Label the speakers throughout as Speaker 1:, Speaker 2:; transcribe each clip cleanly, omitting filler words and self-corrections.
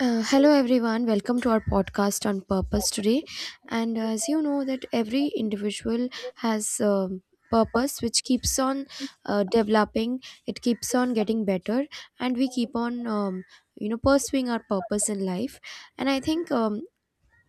Speaker 1: Hello everyone, welcome to our podcast on purpose today, and as you know that every individual has purpose which keeps on developing. It keeps on getting better, and we keep on pursuing our purpose in life. And I think,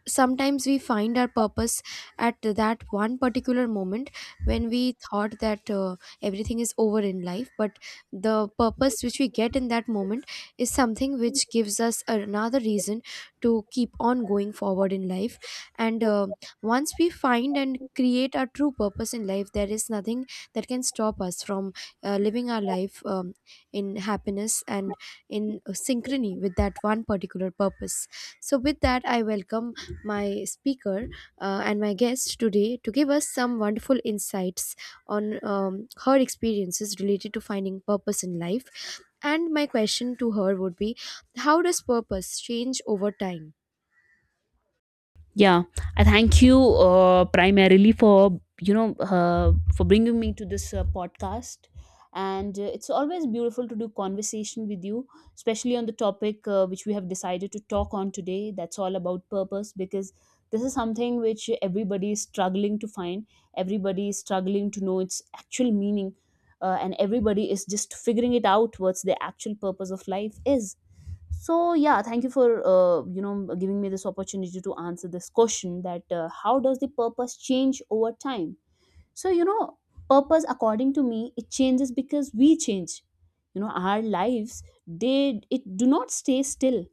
Speaker 1: sometimes we find our purpose at that one particular moment when we thought that everything is over in life, but the purpose which we get in that moment is something which gives us another reason to keep on going forward in life. And once we find and create our true purpose in life, there is nothing that can stop us from living our life, in happiness and in synchrony with that one particular purpose. So with that, I welcome my speaker, and my guest today, to give us some wonderful insights on, her experiences related to finding purpose in life. And my question to her would be: how does purpose change over time?
Speaker 2: Yeah, I thank you, primarily for, bringing me to this podcast. And it's always beautiful to do conversation with you, especially on the topic which we have decided to talk on today, that's all about purpose. Because this is something which everybody is struggling to find, everybody is struggling to know its actual meaning, and everybody is just figuring it out, what's the actual purpose of life is. So yeah, thank you for giving me this opportunity to answer this question, that how does the purpose change over time? So, purpose, according to me, it changes because we change. Our lives, they it do not stay still.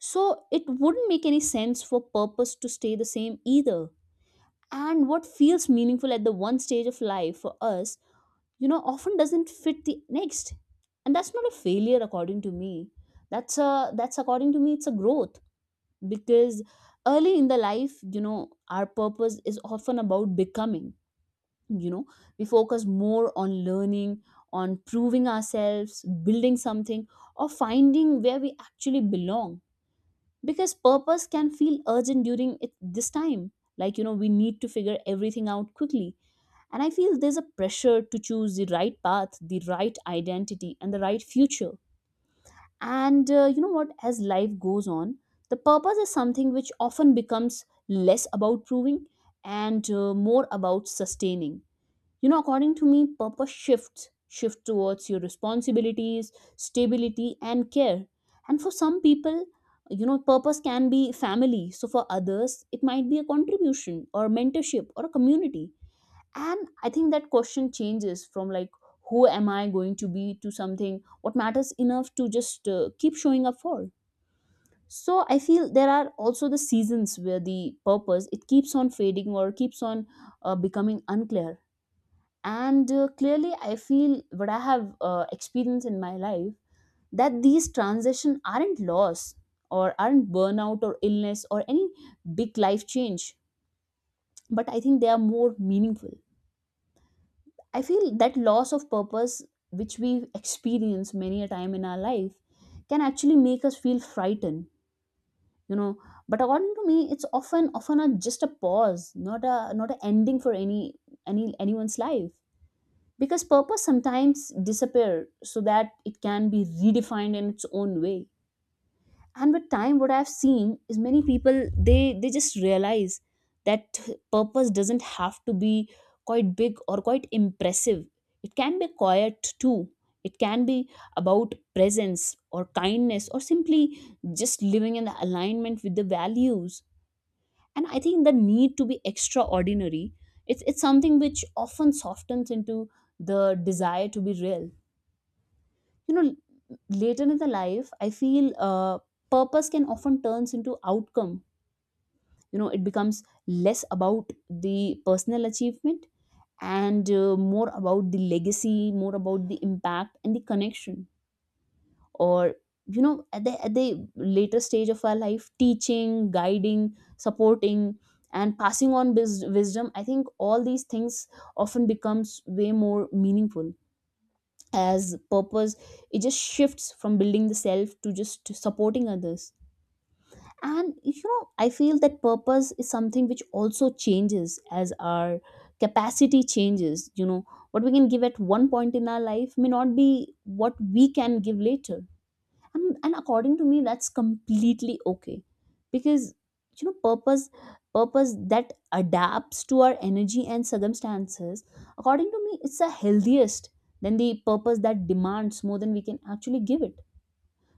Speaker 2: So it wouldn't make any sense for purpose to stay the same either. And what feels meaningful at the one stage of life for us, often doesn't fit the next, and that's not a failure. According to me, that's, according to me, it's a growth. Because early in the life, our purpose is often about becoming. you know we focus more on learning, on proving ourselves, building something, or finding where we actually belong, because purpose can feel urgent during this time. Like, we need to figure everything out quickly. And I feel there's a pressure to choose the right path, the right identity, and the right future. And you know what? As life goes on, the purpose is something which often becomes less about proving and more about sustaining. According to me, purpose shift towards your responsibilities, stability, and care. And for some people, purpose can be family. So for others, it might be a contribution or mentorship or a community, and I think that question changes from, like, who am I going to be, to something, what matters enough to just keep showing up for. So I feel there are also the seasons where the purpose it keeps on fading or keeps on becoming unclear. And clearly, I feel what I have experienced in my life, that these transition aren't loss, or aren't burnout or illness or any big life change, but I think they are more meaningful. I feel that loss of purpose, which we experience many a time in our life, can actually make us feel frightened. You know, but according to me, it's often a, just a pause, not a not an ending for any anyone's life. Because purpose sometimes disappear so that it can be redefined in its own way. And with time, what I've seen is many people, they just realize that purpose doesn't have to be quite big or quite impressive. It can be quiet too. It can be about presence or kindness or simply just living in alignment with the values. And I think the need to be extraordinary, it's something which often softens into the desire to be real you know Later in the life, I feel purpose can often turns into outcome. It becomes less about the personal achievement and more about the legacy, more about the impact and the connection, or at the later stage of our life, teaching, guiding, supporting, and passing on wisdom. I think all these things often becomes way more meaningful as purpose. It just shifts from building the self to just supporting others. And I feel that purpose is something which also changes as our capacity changes. What we can give at one point in our life may not be what we can give later. And according to me, that's completely okay. Because, purpose that adapts to our energy and circumstances, according to me, it's the healthiest than the purpose that demands more than we can actually give it.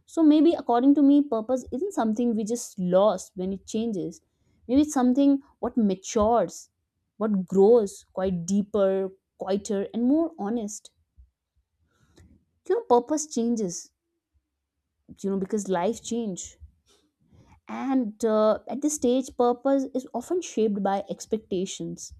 Speaker 2: So maybe, according to me, purpose isn't something we just lost when it changes. Maybe it's something what matures, what grows quite deeper, quieter, and more honest. Purpose changes, because life change. And at this stage, purpose is often shaped by expectations.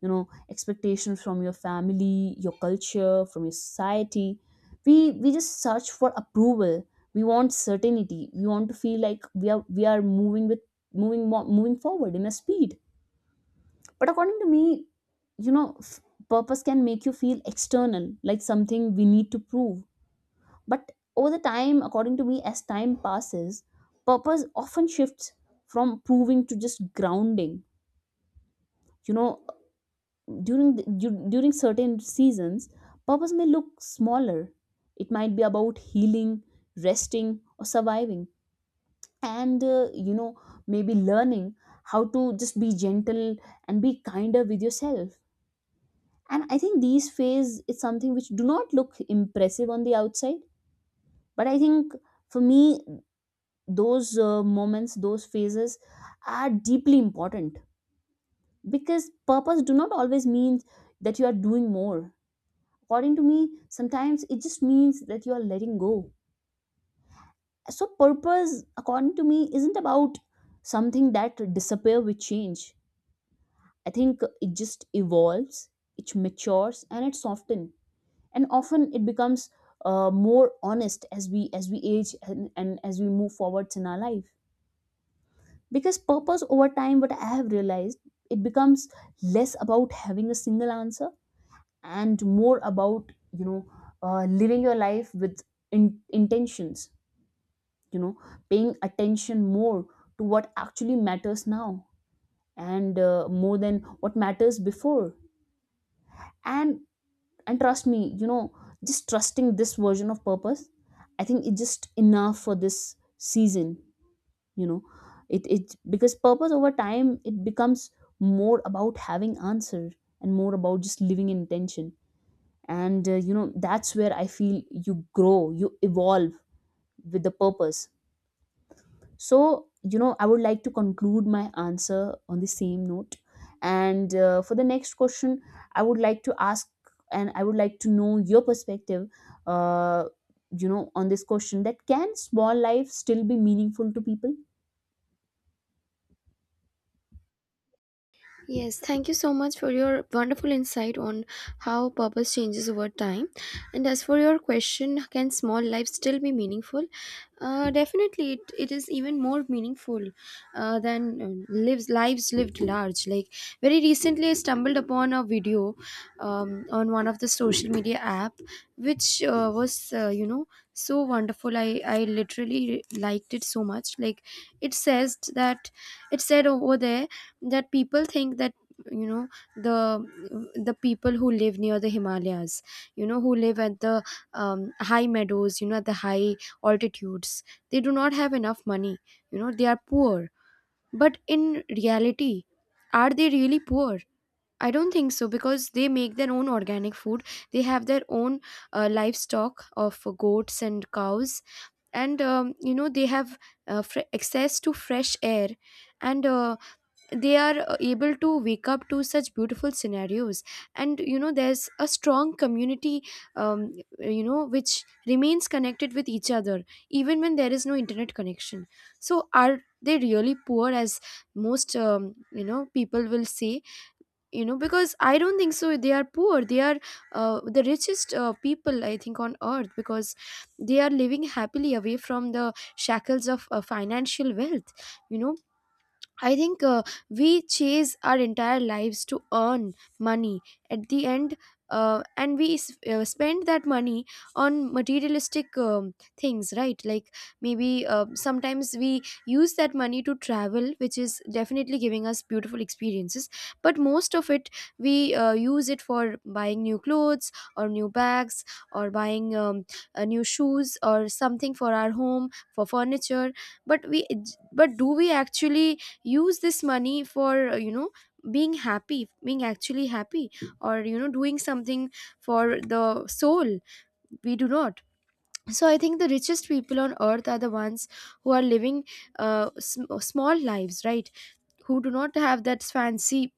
Speaker 2: Expectations from your family, your culture, from your society. We just search for approval. We want certainty. We want to feel like we are moving moving forward in a speed. But, according to me, you know f- purpose can make you feel external, like something we need to prove. But over the time, according to me, as time passes, purpose often shifts from proving to just grounding. You know, during during certain seasons, purpose may look smaller. It might be about healing, resting, or surviving, and maybe learning how to just be gentle and be kinder with yourself. And I think these phase is something which do not look impressive on the outside, but I think, for me, those moments, those phases are deeply important, because purpose do not always mean that you are doing more. According to me, sometimes it just means that you are letting go. So purpose, according to me, isn't about something that disappear with change. I think it just evolves, it matures, and it softens, and often it becomes more honest as we age and as we move forwards in our life. Because purpose, over time, what I have realized, it becomes less about having a single answer and more about, living your life with intentions. you know Paying attention more to what actually matters now and more than what matters before. and and trust me, just trusting this version of purpose. I think it's just enough for this season. you know it because purpose over time it becomes more about having answer and more about just living in intention. And that's where I feel you grow, you evolve with the purpose. So, I would like to conclude my answer on the same note. And for the next question, I would like to ask, and I would like to know your perspective uh, on this question, that can small life still be meaningful to people?
Speaker 1: Yes, thank you so much for your wonderful insight on how purpose changes over time. And as for your question, can small life still be meaningful? Definitely, it is even more meaningful than lives lived large. Like, very recently, I stumbled upon a video on one of the social media app, which was, so wonderful. I literally liked it so much. Like, it says that, it said over there that people think that, you know, the people who live near the Himalayas, you know, who live at the, high meadows, you know, at the high altitudes, they do not have enough money, you know, they are poor. But in reality, are they really poor? I don't think so, because they make their own organic food, they have their own livestock of goats and cows, and, they have access to fresh air, and they are able to wake up to such beautiful scenarios. And you know, there's a strong community, um, which remains connected with each other even when there is no internet connection. So are they really poor, as most, people will say? You know, because I don't think so they are poor. They are the richest people, I think, on earth, because they are living happily away from the shackles of financial wealth, you know. I think, we chase our entire lives to earn money. At the end, and we spend that money on materialistic, things, right? Like, maybe sometimes we use that money to travel, which is definitely giving us beautiful experiences, but most of it we use it for buying new clothes or new bags, or buying, new shoes or something for our home, for furniture. But we, but do we actually use this money for, being happy, being actually happy? Or, you know, doing something for the soul? We do not. So I think the richest people on earth are the ones who are living small lives, right? Who do not have that fancy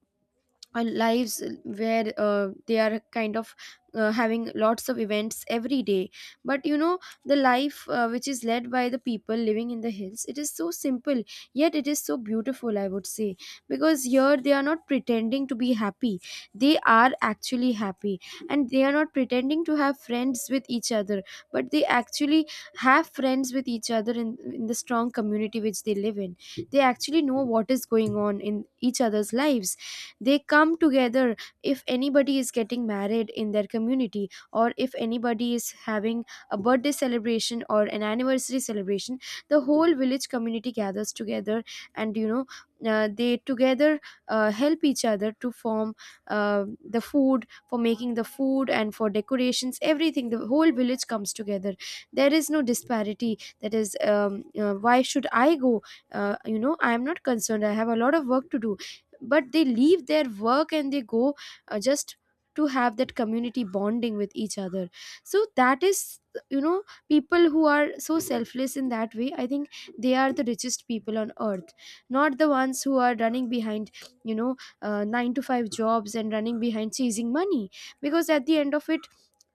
Speaker 1: lives, where they are kind of having lots of events every day. But you know, the life which is led by the people living in the hills, it is so simple yet it is so beautiful, I would say. Because here, they are not pretending to be happy, they are actually happy. And they are not pretending to have friends with each other, but they actually have friends with each other, in the strong community which they live in. They actually know what is going on in each other's lives. They come together if anybody is getting married in their community, or if anybody is having a birthday celebration or an anniversary celebration. The whole village community gathers together, and you know, they together help each other to form the food for making the food and for decorations, everything. The whole village comes together. There is no disparity, that is, why should I go, I am not concerned, I have a lot of work to do. But they leave their work and they go, just to have that community bonding with each other. So that is, you know, people who are so selfless in that way, I think they are the richest people on earth, not the ones who are running behind, you know, 9 to 5 jobs, and running behind chasing money. Because at the end of it,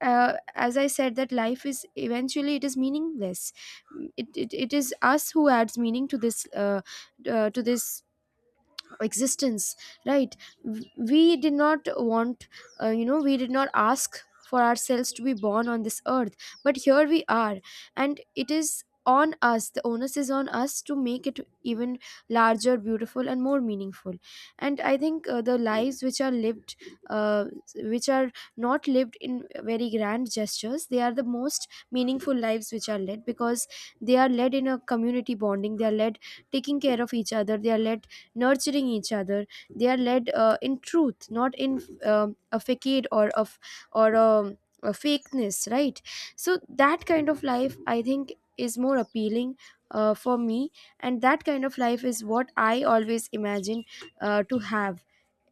Speaker 1: as I said, that life is, eventually, it is meaningless. It is us who adds meaning to this, to this existence, right? We did not want, we did not ask for ourselves to be born on this earth, but here we are. And it is on us, the onus is on us, to make it even larger, beautiful and more meaningful. And I think, the lives which are lived, uh, which are not lived in very grand gestures, they are the most meaningful lives which are led. Because they are led in a community bonding, they are led taking care of each other, they are led nurturing each other, they are led, in truth, not in a facade, or a fakeness, right? So that kind of life, I think, is more appealing for me. And that kind of life is what I always imagine to have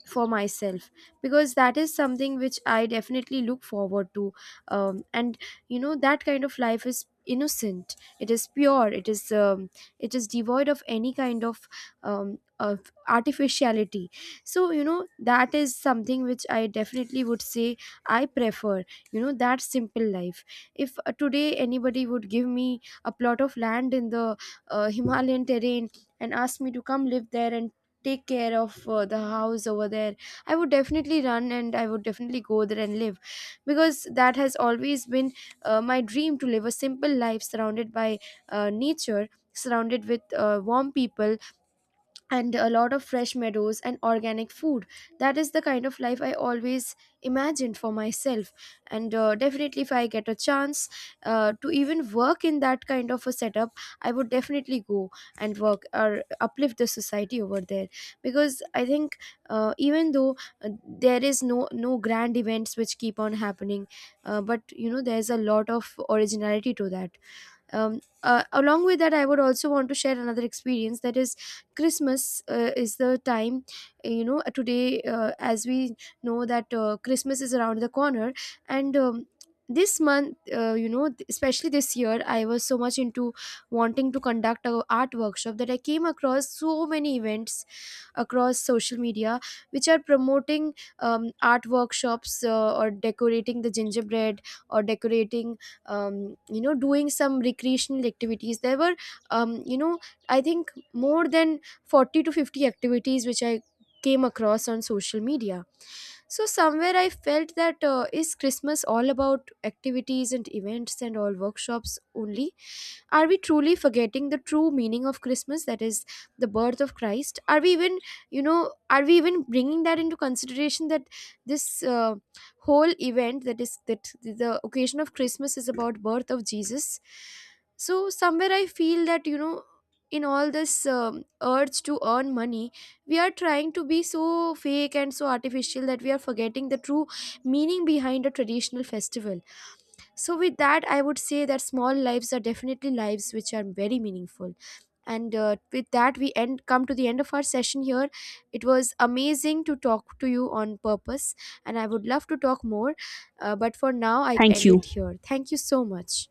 Speaker 1: for myself, because that is something which I definitely look forward to. And you know, that kind of life is innocent, it is pure, it is, it is devoid of any kind of, of artificiality. So you know, that is something which I definitely would say I prefer, you know, that simple life. If today anybody would give me a plot of land in the Himalayan terrain and ask me to come live there and take care of the house over there, I would definitely run, and I would definitely go there and live. Because that has always been my dream, to live a simple life surrounded by nature, surrounded with warm people, and a lot of fresh meadows and organic food. That is the kind of life I always imagined for myself. And definitely, if I get a chance to even work in that kind of a setup, I would definitely go and work, or uplift the society over there. Because I think, even though there is no grand events which keep on happening, but you know, there's a lot of originality to that. Along with that, I would also want to share another experience, that is, Christmas is the time, today, as we know that, Christmas is around the corner. And, this month, especially this year, I was so much into wanting to conduct a art workshop, that I came across so many events across social media which are promoting, art workshops, or decorating the gingerbread, or decorating, doing some recreational activities. There were, um, you know I think more than 40 to 50 activities which I came across on social media. So somewhere I felt that, is Christmas all about activities and events and all workshops only? Are we truly forgetting the true meaning of Christmas, that is the birth of Christ? Are we even, you know, are we even bringing that into consideration, that this, whole event, that is, that the occasion of Christmas is about birth of Jesus? So somewhere I feel that, you know, in all this, urge to earn money, we are trying to be so fake and so artificial that we are forgetting the true meaning behind a traditional festival. So, with that, I would say that small lives are definitely lives which are very meaningful. And with that, we end come to the end of our session here. It was amazing to talk to you on purpose, and I would love to talk more. But for now, I
Speaker 2: Thank
Speaker 1: end it
Speaker 2: you.
Speaker 1: here. Thank you so much.